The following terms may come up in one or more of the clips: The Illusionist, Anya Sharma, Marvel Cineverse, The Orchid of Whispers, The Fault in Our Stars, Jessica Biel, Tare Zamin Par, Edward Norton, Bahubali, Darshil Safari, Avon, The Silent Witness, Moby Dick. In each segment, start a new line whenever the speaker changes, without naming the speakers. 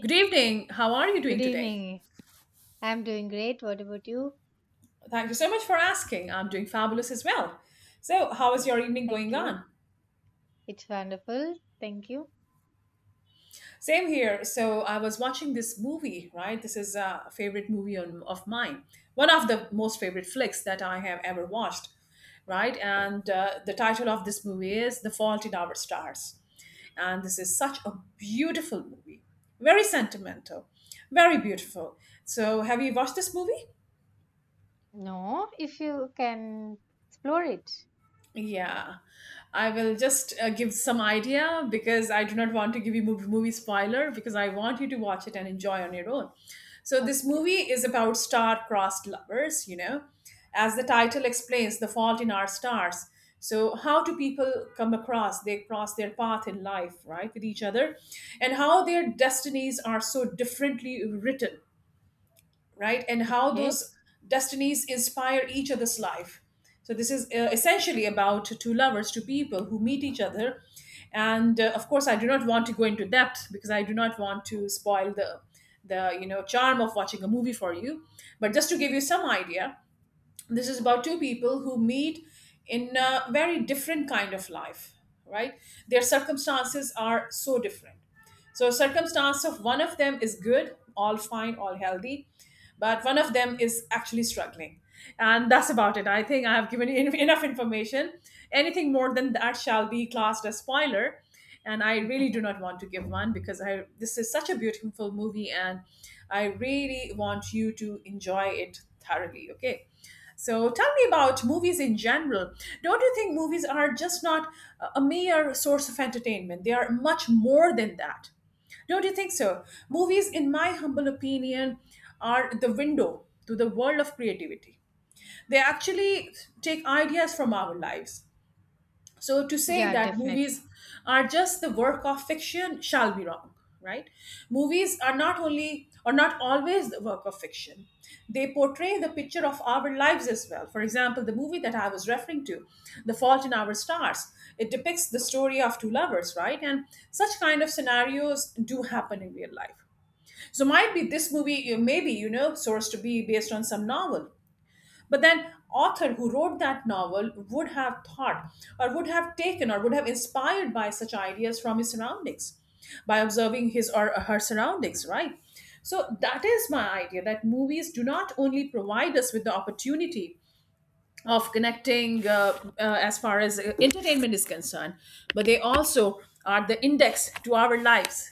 Good evening. How are you doing
good
today?
evening. I'm doing great. What about you?
Thank you so much for asking. I'm doing fabulous as well. So, how is
Yes,
your evening going
thank you.
on?
It's wonderful. Thank you.
Same here. So, I was watching this movie, right? This is a favorite movie on, of mine, one of the most favorite flicks that I have ever watched, right? And The title of this movie is The Fault in Our Stars. And this is such a beautiful movie, very sentimental, very beautiful. So, have you watched this movie?
No, if you can explore it.
Yeah, I will just give some idea because I do not want to give you movie spoiler because I want you to watch it and enjoy on your own. So this
Okay.
movie is about star-crossed lovers, you know, as the title explains, the fault in our stars. So how do people come across? They cross their path in life, right, with each other, and how their destinies are so differently written, right? And how
Okay.
those destinies inspire each other's life. So this is essentially about two lovers, two people who meet each other. And Of course, I do not want to go into depth because I do not want to spoil the charm of watching a movie for you. But just to give you some idea, this is about two people who meet in a very different kind of life, right? Their circumstances are so different. So circumstance of one of them is good, all fine, all healthy, but one of them is actually struggling, and that's about it. I think I have given you enough information. Anything more than that shall be classed as spoiler, and I really do not want to give one because I, this is such a beautiful movie, and I really want you to enjoy it thoroughly. Okay, so tell me about movies in general. Don't you think movies are just not a mere source of entertainment? They are much more than that. Don't you think so? Movies, in my humble opinion, are the window to the world of creativity. They actually take ideas from our lives. So to say
Yeah,
that
definitely.
movies are just the work of fiction shall be wrong, right? Movies are not only or not always the work of fiction. They portray the picture of our lives as well. For example, the movie that I was referring to, The Fault in Our Stars, it depicts the story of two lovers, right? And such kind of scenarios do happen in real life. So might be this movie, maybe, you know, source to be based on some novel, but then author who wrote that novel would have thought or would have taken or would have inspired by such ideas from his surroundings, by observing his or her surroundings, right? So that is my idea, that movies do not only provide us with the opportunity of connecting as far as entertainment is concerned, but they also are the index to our lives,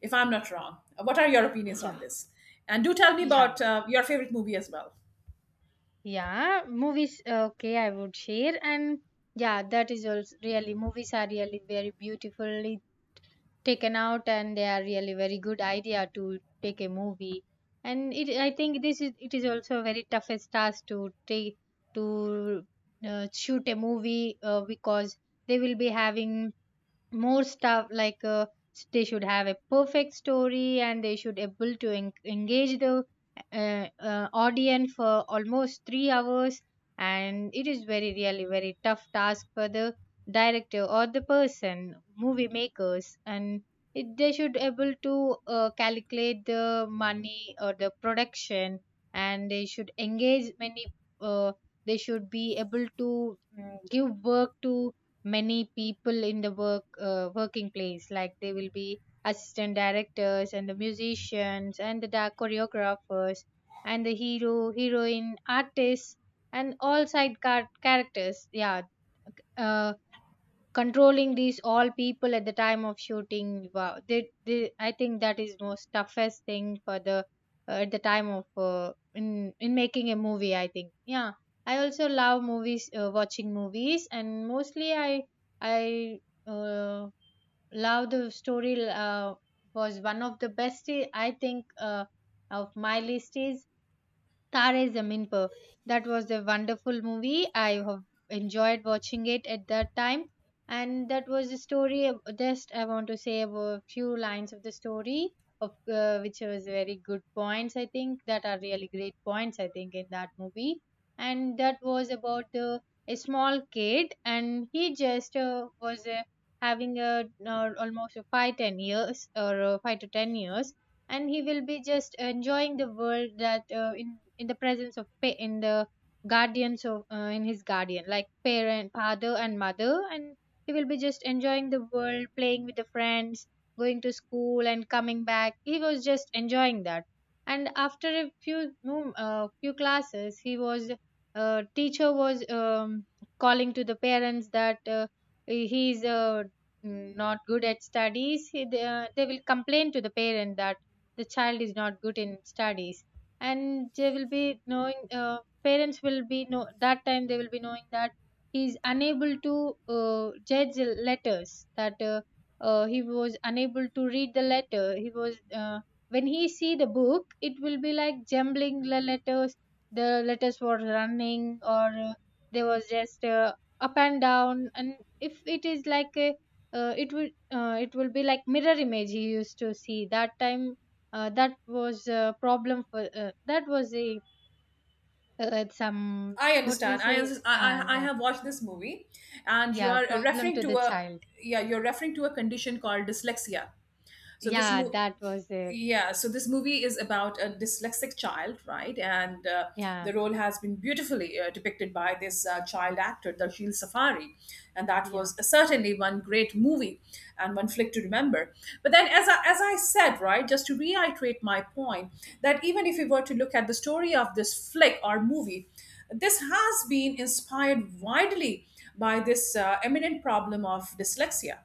if I'm not wrong. What are your opinions on
Yeah.
this? And do tell me
Yeah.
about your favorite movie as well.
Yeah. Movies, okay, I would share. And yeah, that is also really, movies are really very beautiful, taken out, and they are really very good idea to take a movie. And it I think this is it is also a very toughest task to take, to shoot a movie, because they will be having more stuff like, they should have a perfect story, and they should able to engage the audience for almost 3 hours. And it is very really very tough task for the director or the person movie makers. And it, they should able to calculate the money or the production, and they should engage many, uh, they should be able to give work to many people in the work, working place, like they will be assistant directors and the musicians and the choreographers and the hero heroine artists and all side characters, yeah. uh, Controlling these all people at the time of shooting, wow, I think that is most toughest thing for the, at the time of, in making a movie, I think. Yeah, I also love movies, watching movies. And mostly I uh, love the story, was one of the best, I think. Of my list is Tare Zamin Par. That was a wonderful movie. I have enjoyed watching it at that time. And that was the story. Just I want to say a few lines of the story, of which was very good points. I think that are really great points. I think in that movie, and that was about the a small kid, and he just was having a almost a 5 10 years or 5 to 10 years. And he will be just enjoying the world that in the presence of in the guardians of in his guardian like parent, father, and mother. And he will be just enjoying the world, playing with the friends, going to school, and coming back. He was just enjoying that. And after a few few classes, he was teacher was calling to the parents that he is not good at studies. They will complain to the parent that the child is not good in studies. And they will be knowing, parents will be know that time, they will be knowing that he is unable to judge the letters, that he was unable to read the letter. He was when he see the book, it will be like jumbling the letters. The letters were running, or there was just up and down. And if it is like a uh, it will it will be like mirror image he used to see that time. That was a problem for that was a some
I
what we
understand. I,
say
unders- I
yeah.
have watched this movie, and you
Yeah,
are
problem
referring
to
to
the
a,
child.
yeah, you're referring to a condition called dyslexia. So this
Yeah,
mo-
that was it.
yeah, so this movie is about a dyslexic child, right? and
Yeah,
The role has been beautifully depicted by this child actor Darshil Safari, and that
yeah,
was certainly one great movie and one flick to remember. But then as I said, right, just to reiterate my point, that even if we were to look at the story of this flick or movie, this has been inspired widely by this eminent problem of dyslexia,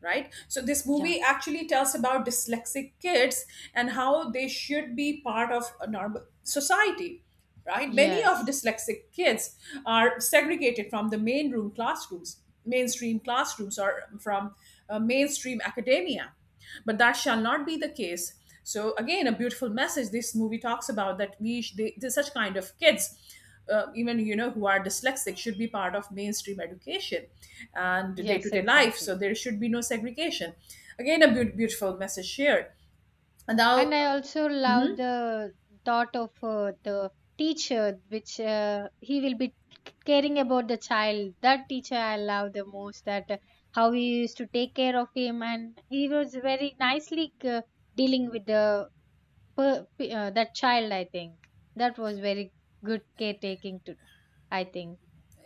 right? So this
yeah.
movie actually tells about dyslexic kids and how they should be part of a normal society, right? Many of
Yes,
dyslexic kids are segregated from the mainstream classrooms or from mainstream academia, but that shall not be the case. So again, a beautiful message this movie talks about, that we sh- they- such kind of kids, even, you know, who are dyslexic should be part of mainstream education and day to
yes,
day life. So
exactly.
there should be no segregation. Again, a beautiful message shared. And now,
And I also love the thought of the teacher, which he will be caring about the child. That teacher I love the most. That how he used to take care of him, and he was very nicely dealing with the per, that child, I think. That was very good caretaking to, I think.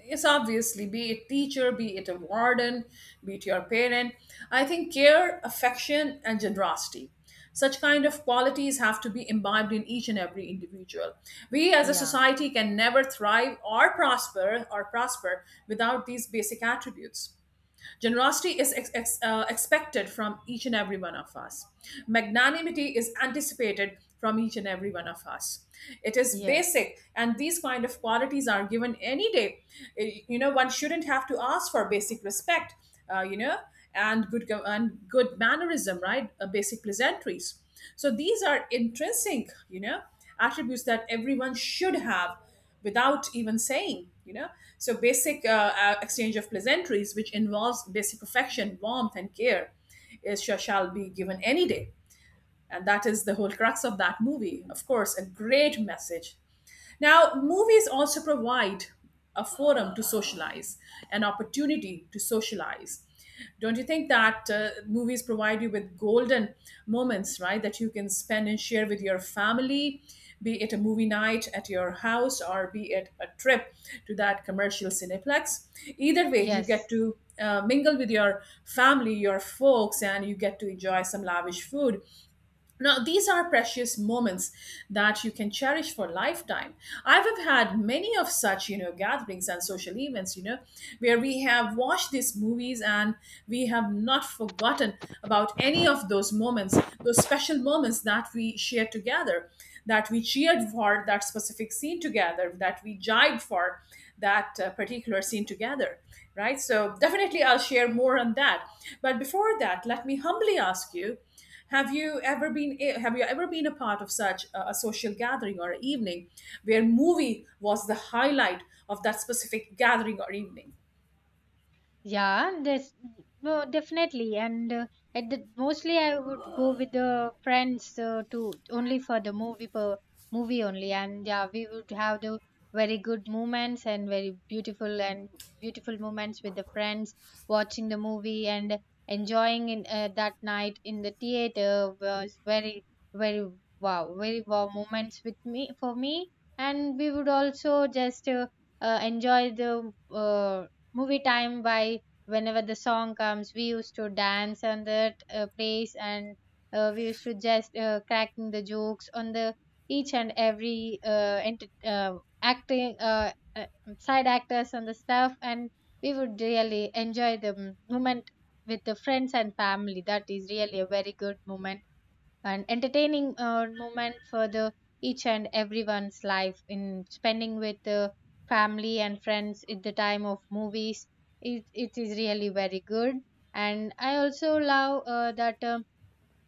it's obviously be it teacher, be it a warden, be it your parent, I think care, affection and generosity, such kind of qualities have to be imbibed in each and every individual. We as a
Yeah.
society can never thrive or prosper without these basic attributes. Generosity is expected from each and every one of us. Magnanimity is anticipated from each and every one of us. It is
Yes,
basic, and these kind of qualities are given any day. Eh, you know, one shouldn't have to ask for basic respect. You know, and good mannerism, right? Basic pleasantries. So these are intrinsic, you know, attributes that everyone should have without even saying, you know. So basic exchange of pleasantries, which involves basic affection, warmth and care, shall be given any day. And that is the whole crux of that movie, of course, a great message. Now, movies also provide a forum to socialize, an opportunity to socialize. Don't you think that movies provide you with golden moments, right, that you can spend and share with your family, be it a movie night at your house or be it a trip to that commercial cineplex? Either way, you get
yes.
to mingle with your family, your folks, and you get to enjoy some lavish food. Now, these are precious moments that you can cherish for lifetime. I have had many of such, you know, gatherings and social events, you know, where we have watched these movies and we have not forgotten about any of those moments, those special moments that we shared together, that we cheered for that specific scene together, that we jived for that particular scene together, right? So, definitely I'll share more on that. But before that, let me humbly ask you, have you ever been a part of such a social gathering or evening where movie was the highlight of that specific gathering or evening?
Yeah, there's no, definitely. And at the mostly I would go with the friends to only for the movie only. And yeah, we would have the very good moments and very beautiful and beautiful moments with the friends, watching the movie and enjoying in that night in the theater was very, very wow, very wow moments with me, for me. And we would also just enjoy the movie time by whenever the song comes, we used to dance on that place. And we used to just cracking the jokes on the each and every acting side actors on the stuff. And we would really enjoy the moment with the friends and family. That is really a very good moment, an entertaining moment for the each and everyone's life in spending with the family and friends at the time of movies. It is really very good. And I also love that um,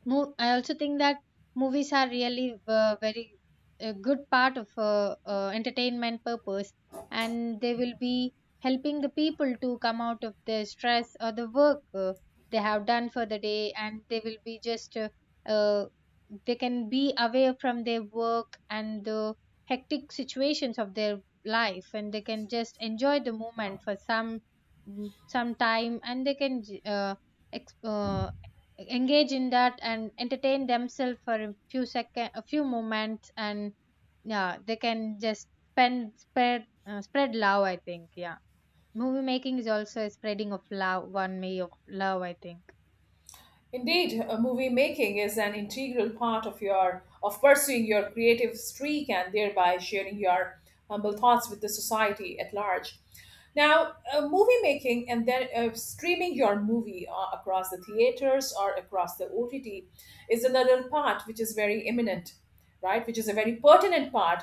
Mo- I also think that movies are really very a good part of entertainment purpose. And they will be helping the people to come out of the stress or the work they have done for the day. And they will be just uh, they can be away from their work and the hectic situations of their life. And they can just enjoy the moment for some some time. And they can exp- uh, engage in that and entertain themselves for a few second a few moments. And yeah, they can just spend spread spread love, I think. Yeah, movie making is also a spreading of love, one way of love, I think.
Indeed, movie making is an integral part of your, of pursuing your creative streak and thereby sharing your humble thoughts with the society at large. Now, movie making and then streaming your movie across the theaters or across the OTT is another part which is very imminent, right? Which is a very pertinent part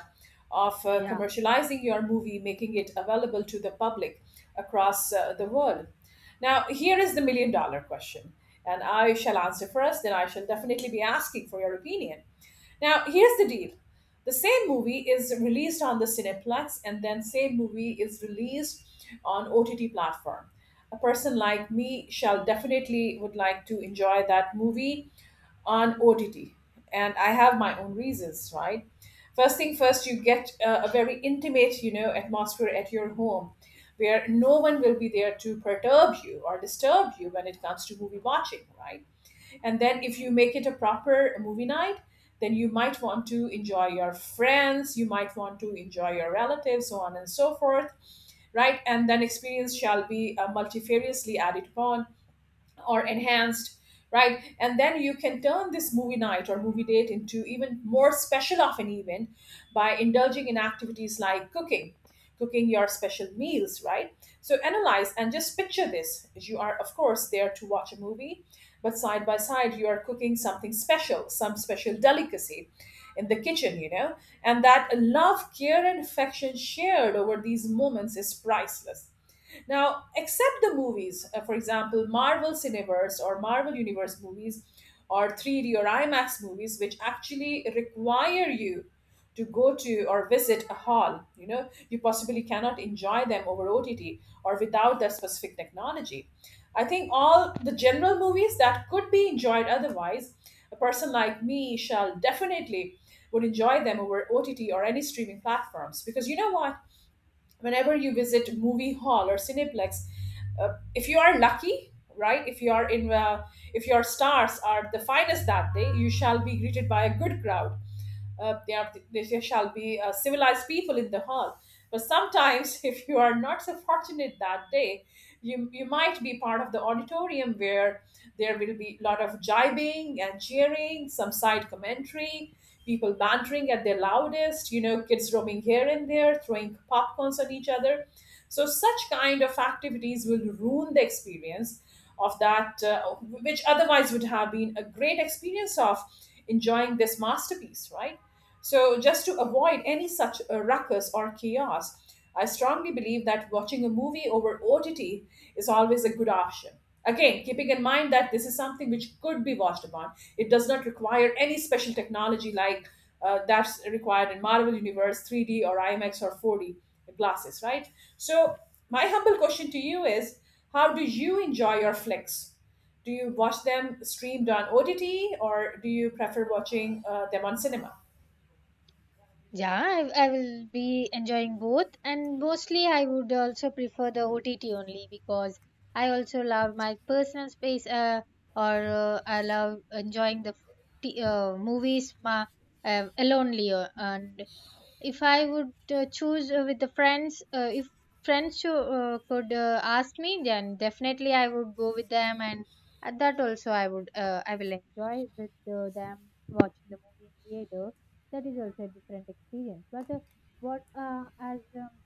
of commercializing your movie, making it available to the public across the world. Now, here is the million dollar question, and I shall answer first, then I shall definitely be asking for your opinion. Now, here's the deal. The same movie is released on the Cineplex and then same movie is released on OTT platform. A person like me shall definitely would like to enjoy that movie on OTT. And I have my own reasons, right? First thing first, you get a very intimate, you know, atmosphere at your home where no one will be there to perturb you or disturb you when it comes to movie watching, right? And then if you make it a proper movie night, then you might want to enjoy your friends, you might want to enjoy your relatives, so on and so forth, right? And then experience shall be multifariously added upon or enhanced, right? And then you can turn this movie night or movie date into even more special of an event by indulging in activities like cooking your special meals, right? So analyze and just picture this, you are of course there to watch a movie, but side by side you are cooking something special, some special delicacy in the kitchen, you know. And that love, care and affection shared over these moments is priceless. Now, except the movies, for example, Marvel Cineverse or Marvel Universe movies or 3D or IMAX movies, which actually require you to go to or visit a hall, you know, you possibly cannot enjoy them over OTT or without that specific technology. I think all the general movies that could be enjoyed otherwise, a person like me shall definitely would enjoy them over OTT or any streaming platforms because you know what, whenever you visit movie hall or cineplex, if you are lucky, right? If you are in if your stars are the finest that day, you shall be greeted by a good crowd. Uh, there shall be civilized people in the hall. But sometimes if you are not so fortunate that day, you might be part of the auditorium where there will be a lot of jibing and cheering, some side commentary, people bantering at their loudest, kids roaming here and there, throwing popcorns at each other. So such kind of activities will ruin the experience of which otherwise would have been a great experience of enjoying this masterpiece, right? So, just to avoid any such ruckus or chaos, I strongly believe that watching a movie over OTT is always a good option. Again, keeping in mind that this is something which could be watched upon, it does not require any special technology like that's required in Marvel Universe 3D or IMAX or 4D glasses, right? So my humble question to you is, how do you enjoy your flicks? Do you watch them streamed on OTT, or do you prefer watching them on cinema?
Yeah, I will be enjoying both. And mostly I would also prefer the OTT only, because I also love my personal space. Or I love enjoying the movies alone. And if I would choose with the friends, if friends who could ask me, then definitely I would go with them. And at that also I would I will enjoy with them watching the movie in theater. That is also a different experience. But what as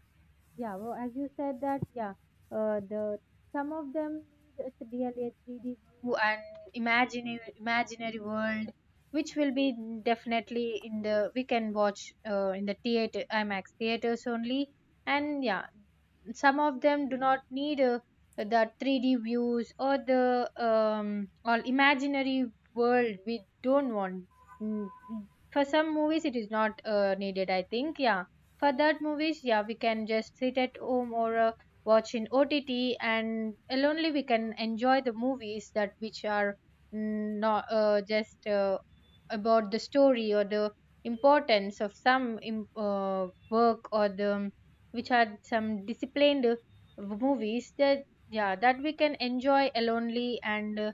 yeah, well, as you said that, yeah, the some of them need a really a 3D view and imaginary world, which will be definitely in the we can watch in the theater IMAX theaters only. And yeah, some of them do not need the 3D views or the or imaginary world, we don't want. Mm. For some movies, it is not needed, I think. Yeah, for that movies, yeah, we can just sit at home or watch in OTT. And only we can enjoy the movies that which are not just about the story or the importance of some work or the which are some disciplined movies, that yeah, that we can enjoy alonely. And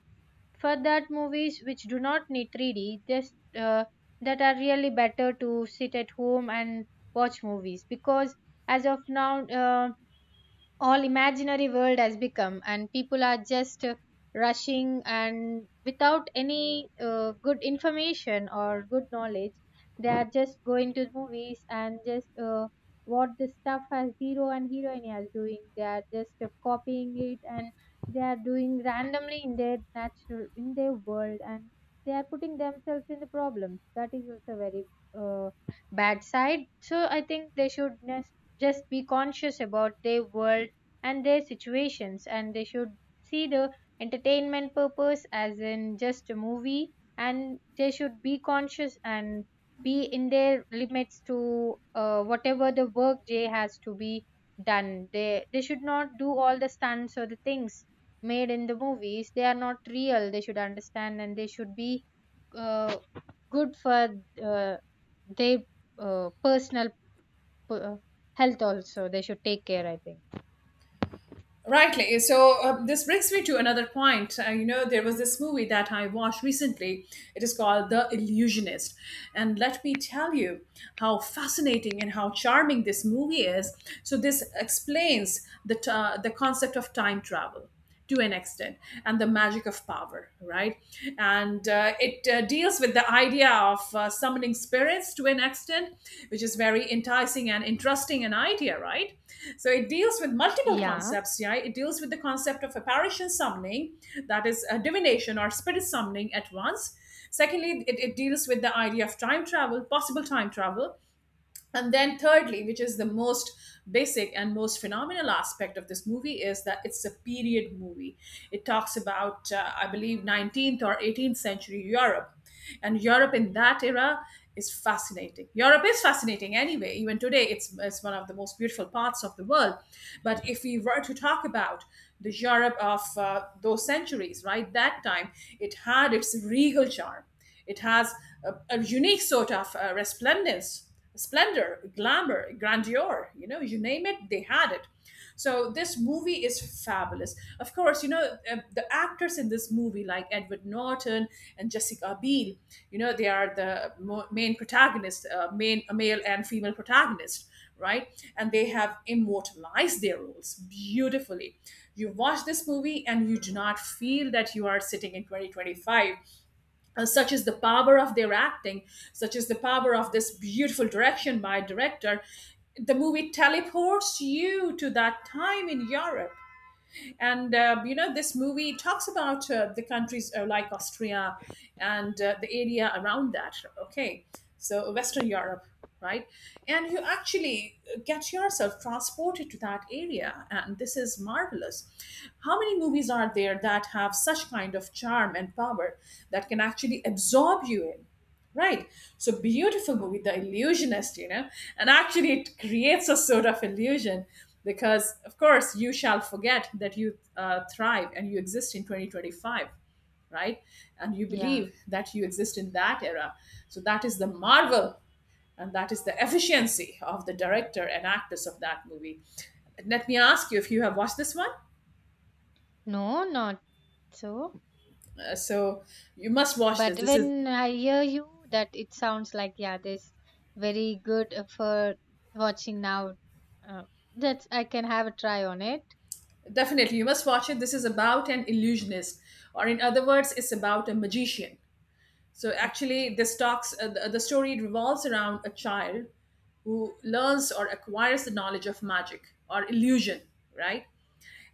for that movies which do not need 3D, just that are really better to sit at home and watch movies. Because as of now all imaginary world has become, and people are just rushing and without any good information or good knowledge, they are just going to movies and just what the stuff as hero and heroine are doing, they are just copying it. And they are doing randomly in their natural, in their world, and they are putting themselves in the problems. That is also very uh, bad side. So I think they should just be conscious about their world and their situations, and they should see the entertainment purpose as in just a movie. And they should be conscious and be in their limits to whatever the work they has to be done, they should not do all the stunts or the things made in the movies. They are not real, they should understand. And they should be uh, good for uh, their personal p- uh, health also, they should take care, I think.
Rightly. So this brings me to another point. You know, there was this movie that I watched recently. It is called The Illusionist. And let me tell you how fascinating and how charming this movie is. So this explains the concept of time travel to an extent, and the magic of power, right? And it deals with the idea of summoning spirits to an extent, which is very enticing and interesting an idea, right? So it deals with multiple
Yeah,
concepts. Yeah, it deals with the concept of apparition summoning, that is divination or spirit summoning at once. Secondly, it deals with the idea of time travel, possible time travel. And then thirdly, which is the most basic and most phenomenal aspect of this movie, is that it's a period movie. It talks about, I believe, 19th or 18th century Europe. And Europe in that era is fascinating. Europe is fascinating anyway. Even today, it's one of the most beautiful parts of the world. But if we were to talk about the Europe of those centuries, right, that time, it had its regal charm. It has a unique sort of resplendence, splendor, glamour, grandeur, you know, you name it, they had it. So this movie is fabulous. Of course, you know, the actors in this movie, like Edward Norton and Jessica Biel, you know, they are the main protagonists, main a male and female protagonist, right? And they have immortalized their roles beautifully. You watch this movie and you do not feel that you are sitting in 2025. Uh, such is the power of their acting, such is the power of this beautiful direction by a director. The movie teleports you to that time in Europe. And you know, this movie talks about the countries like Austria and the area around that. Okay, so Western Europe, right? And you actually get yourself transported to that area, and this is marvelous. How many movies are there that have such kind of charm and power that can actually absorb you in? Right. So beautiful movie, The Illusionist, you know. And actually, it creates a sort of illusion because, of course, you shall forget that you thrive and you exist in 2025, right? And you
yeah.
believe that you exist in that era. So that is the marvel, and that is the efficiency of the director and actors of that movie. Let me ask you if you have watched this one.
No, not so.
So you must watch this.
But
This is
when I hear you, that it sounds like yeah, this very good for watching now. Uh, that's I can have a try on it.
definitely, you must watch it. This is about an illusionist, or in other words, it's about a magician. So actually,
Okay.
this talks. The story revolves around a child who learns or acquires the knowledge of magic or illusion, right?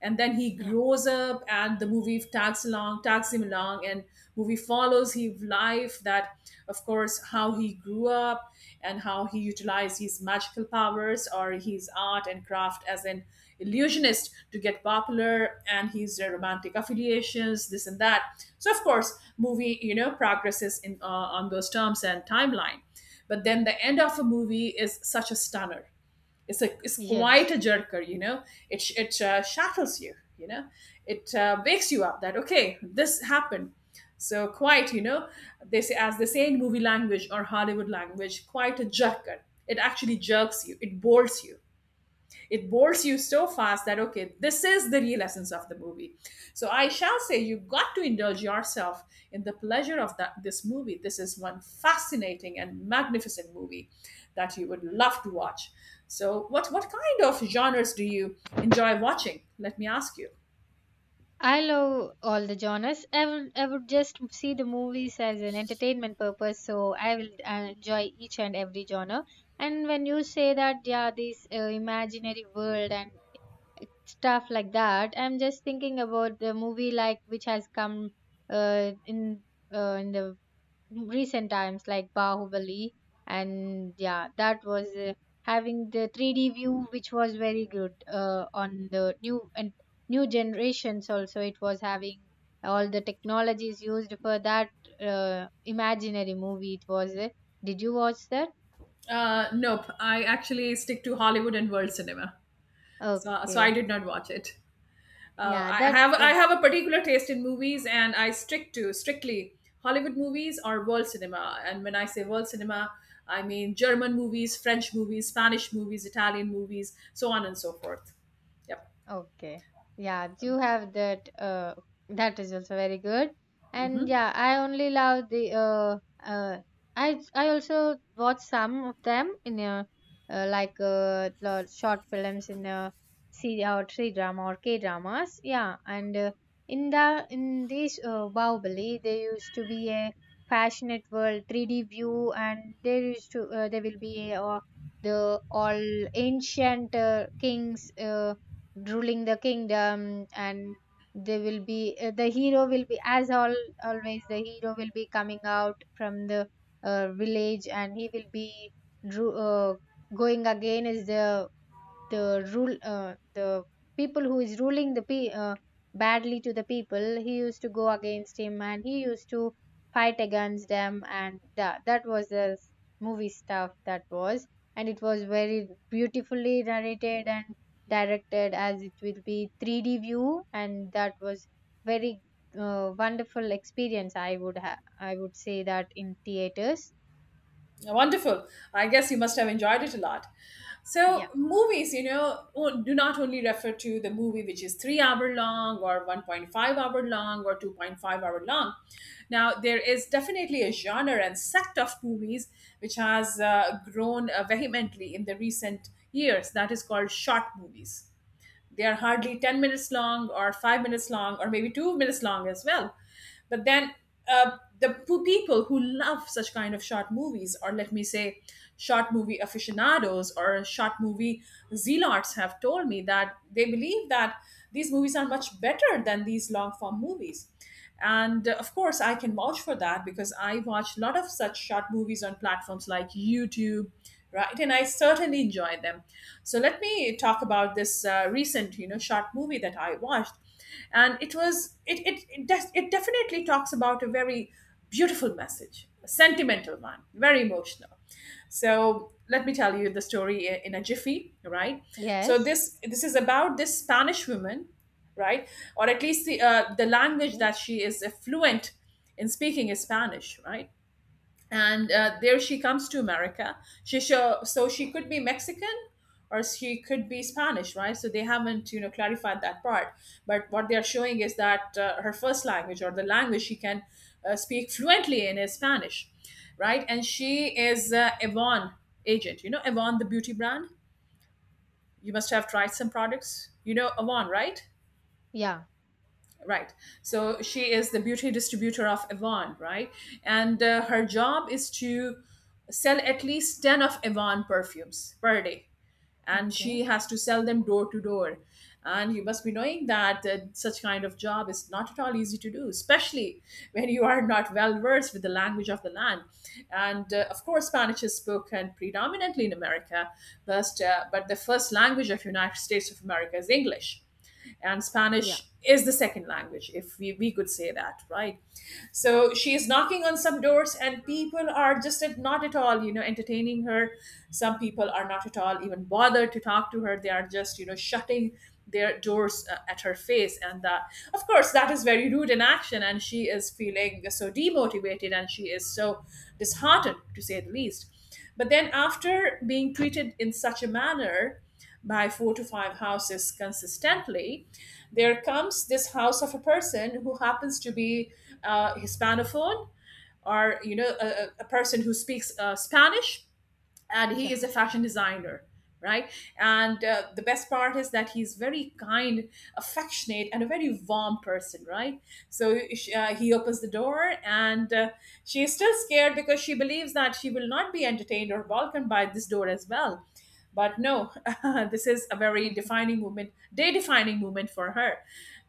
And then he
Yeah.
grows up and the movie tags along, tags him along, and movie follows his life, that of course how he grew up and how he utilized his magical powers or his art and craft as an illusionist to get popular, and his romantic affiliations, this and that. So of course movie, you know, progresses in on those terms and timeline. But then the end of a movie is such a stunner. It's quite a
Yes.
jerker, you know. It shackles you, you know. It wakes you up that okay, this happened. So quite, you know, they say, as they say in movie language or Hollywood language, quite a jerker. It actually jerks you. It bolts you, it bores you so fast that okay, this is the real essence of the movie. So I shall say you got to indulge yourself in the pleasure of that. This movie, this is one fascinating and magnificent movie that you would love to watch. So what kind of genres do you enjoy watching? Let me ask you.
I love all the genres. I would just see the movies as an entertainment purpose, so I will enjoy each and every genre. And when you say that, yeah, this imaginary world and stuff like that, I'm just thinking about the movie like which has come uh, in in the recent times, like Bahubali. And yeah, that was having the 3D view, which was very good on the new generations also. It was having all the technologies used for that imaginary movie. It was did you watch that?
Uh, nope, I actually stick to Hollywood and world cinema. So I
Okay,
did not watch it.
yeah,
I
that.
have, I have a particular taste in movies, and I stick to strictly Hollywood movies or world cinema. And when I say world cinema, I mean German movies, French movies, Spanish movies, Italian movies, so on and so forth. Yep.
Okay. Yeah, you have that that is also very good. And
Mhm.
yeah, I only love the I also watch some of them in a short films in a C or three drama or K dramas. Yeah. And in the in these Bahubali, there used to be a passionate world 3D view. And there used to there will be a, the all ancient kings ruling the kingdom. And they will be the hero will be as all always the hero will be coming out from the village. And he will be dru- uh, going against the rule, the people who is ruling the badly to the people, he used to go against him. And he used to fight against them. And that was the movie stuff, that was. And it was very beautifully narrated and directed, as it will be 3D view. And that was very wonderful experience, I would I would say, that in theaters.
Yeah, wonderful. I guess you must have enjoyed it a lot.
Yeah.
So movies, you know, do not only refer to the movie which is 3 hour long or 1.5-hour long or 2.5-hour long. Now, there is definitely a genre and sect of movies which has grown vehemently in the recent years. That is called short movies. They are hardly 10 minutes long or 5 minutes long or maybe 2 minutes long as well. But then people who love such kind of short movies, or let me say, short movie aficionados or short movie zealots, have told me that they believe that these movies are much better than these long form movies. And of course I can vouch for that because I watch a lot of such short movies on platforms like YouTube, right? And I certainly enjoy them. So let me talk about this recent, you know, short movie that I watched. And it was it it it, def- it definitely talks about a very beautiful message, a sentimental one, very emotional. So let me tell you the story in a jiffy, right? So
Yes.
this is about this Spanish woman, right? Or at least the language
Okay.
that she is fluent in speaking is Spanish, right? And there she comes to America. So she could be Mexican or she could be Spanish, right? So they haven't, you know, clarified that part. But what they are showing is that her first language, or the language she can speak fluently in, is Spanish, right? And she is Avon agent, you know, Avon, the beauty brand. You must have tried some products, you know, Avon, right?
Yeah.
Right. So she is the beauty distributor of Avon, right? And her job is to sell at least 10 of Avon perfumes per day. And she
Okay.
has to sell them door to door. And you must be knowing that such kind of job is not at all easy to do, especially when you are not well versed with the language of the land. And of course, Spanish is spoken predominantly in America, but the first language of United States of America is English, and
Yeah.
Spanish is the second language, if we could say that, right? So she is knocking on some doors, and people are just not at all, you know, entertaining her. Some people are not at all even bothered to talk to her. They are just, you know, shutting their doors at her face. And that, of course, that is very rude in action. And she is feeling so demotivated, and she is so disheartened, to say the least. But then, after being treated in such a manner by four to five houses consistently, there comes this house of a person who happens to be Hispanophone, or you know, a person who speaks Spanish, and he is a fashion designer. Right, and the best part is that he's very kind, affectionate, and a very warm person. Right, so he opens the door, and she is still scared because she believes that she will not be entertained or welcomed by this door as well. But no, this is a very
Yeah.
defining moment, day defining moment for her.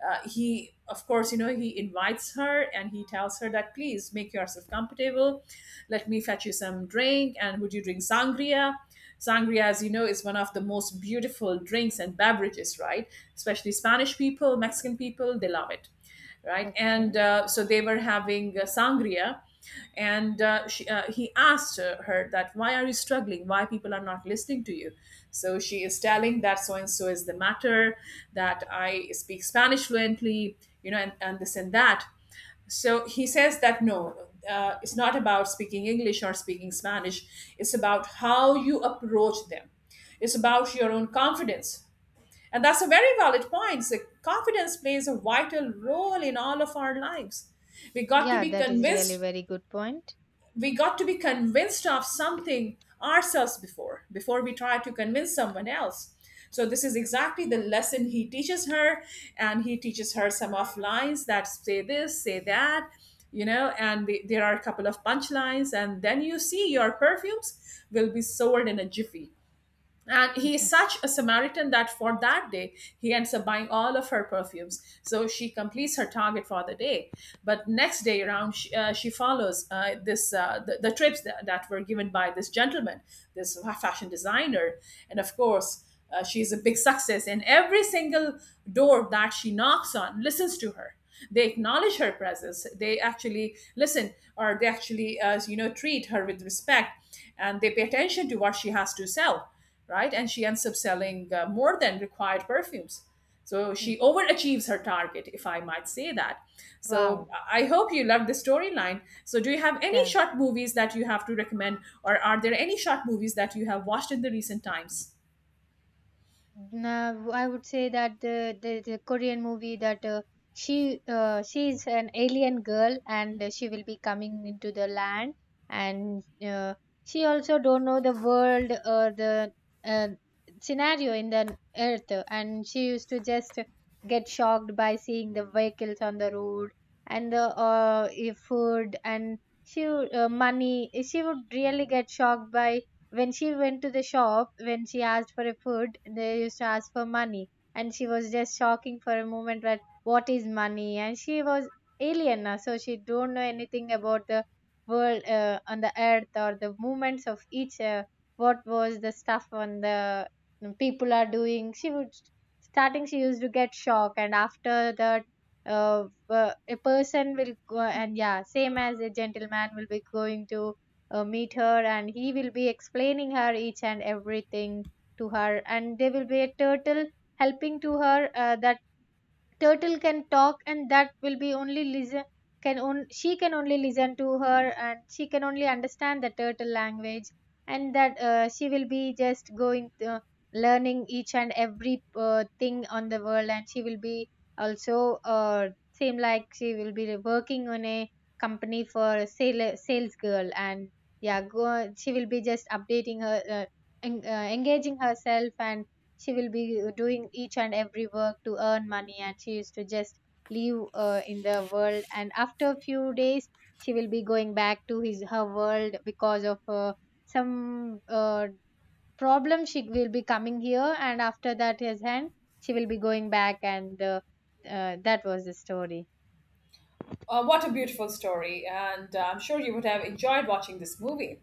He, of course, you know, he invites her and he tells her that please make yourself comfortable. Let me fetch you some drink. And would you drink sangria? Sangria, as you know, is one of the most beautiful drinks and beverages, right? Especially Spanish people, Mexican people, they love it, right? And
Okay.
so they were having sangria, and he asked her that why are you struggling? Why people are not listening to you? So she is telling that so and so is the matter, that I speak Spanish fluently, you know, and this and that. So he says that no, it's not about speaking English or speaking Spanish. It's about how you approach them. It's about your own confidence, and that's a very valid point. So confidence plays a vital role in all of our lives. We got to
Yeah,
be
that is really
convinced,
very good point.
we got to be convinced of something ourselves before we try to convince someone else. So this is exactly the lesson he teaches her, and he teaches her some of lines that say this, say that, you know, and there are a couple of punchlines, and then you see your perfumes will be sold in a jiffy. And he is
Mhm.
such a Samaritan that for that day, he ends up buying all of her perfumes. So she completes her target for the day. But next day around, she follows the trips that were given by this gentleman, this fashion designer. And of course, she's a big success. And every single door that she knocks on listens to her. They acknowledge her presence. They actually listen, or they actually, you know, treat her with respect, and they pay attention to what she has to sell, right? And she ends up selling more than required perfumes. So
Mm.
she overachieves her target, if I might say that. So
Wow.
I hope you loved the storyline. So, do you have any
Yeah.
short movies that you have to recommend, or are there any short movies that you have watched in the recent times?
Now, I would say that the Korean movie that she is an alien girl. And she will be coming into the land. And she also don't know the world or the uh, scenario in the earth. And she used to just get shocked by seeing the vehicles on the road and the food. And she money, she would really get shocked by when she went to the shop, when she asked for a food, they used to ask for money. And she was just shocking for a moment that what is money. And she was alien, so she don't know anything about the world on the earth, or the movements of each, what was the stuff on the people are doing, she would starting, she used to get shocked. And after that uh, a person will go, and yeah, same as a gentleman will be going to meet her. And he will be explaining her each and everything to her. And there will be a turtle helping to her, that turtle can talk. And that will be only listen, can on, she can only listen to her, and she can only understand the turtle language. And that she will be just going learning each and every thing on the world. And she will be also same like she will be working on a company for a sale, sales girl. And yeah, go, she will be just updating her engaging herself. And she will be doing each and every work to earn money. And she used to just live in the world. And after a few days, she will be going back to his her world because of some problem. She will be coming here, and after that, his hand she will be going back. And that was the story.
What a beautiful story, and I'm sure you would have enjoyed watching this movie.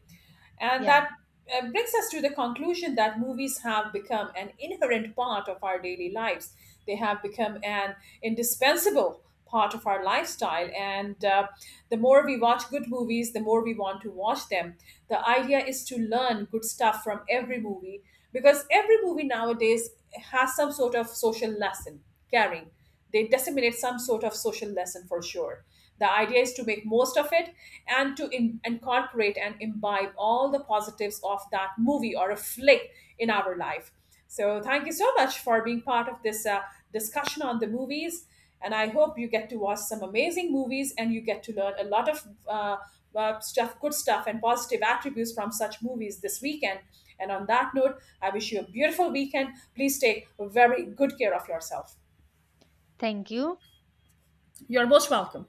And that
Yeah,
brings us to the conclusion that movies have become an inherent part of our daily lives. They have become an indispensable part of our lifestyle. And the more we watch good movies, the more we want to watch them. The idea is to learn good stuff from every movie, because every movie nowadays has some sort of social lesson carrying. They disseminate some sort of social lesson for sure. The idea is to make most of it, and to incorporate and imbibe all the positives of that movie or a flick in our life. So thank you so much for being part of this discussion on the movies. And I hope you get to watch some amazing movies, and you get to learn a lot of stuff, good stuff, and positive attributes from such movies this weekend. And on that note, I wish you a beautiful weekend. Please take very good care of yourself.
thank you.
You're most welcome.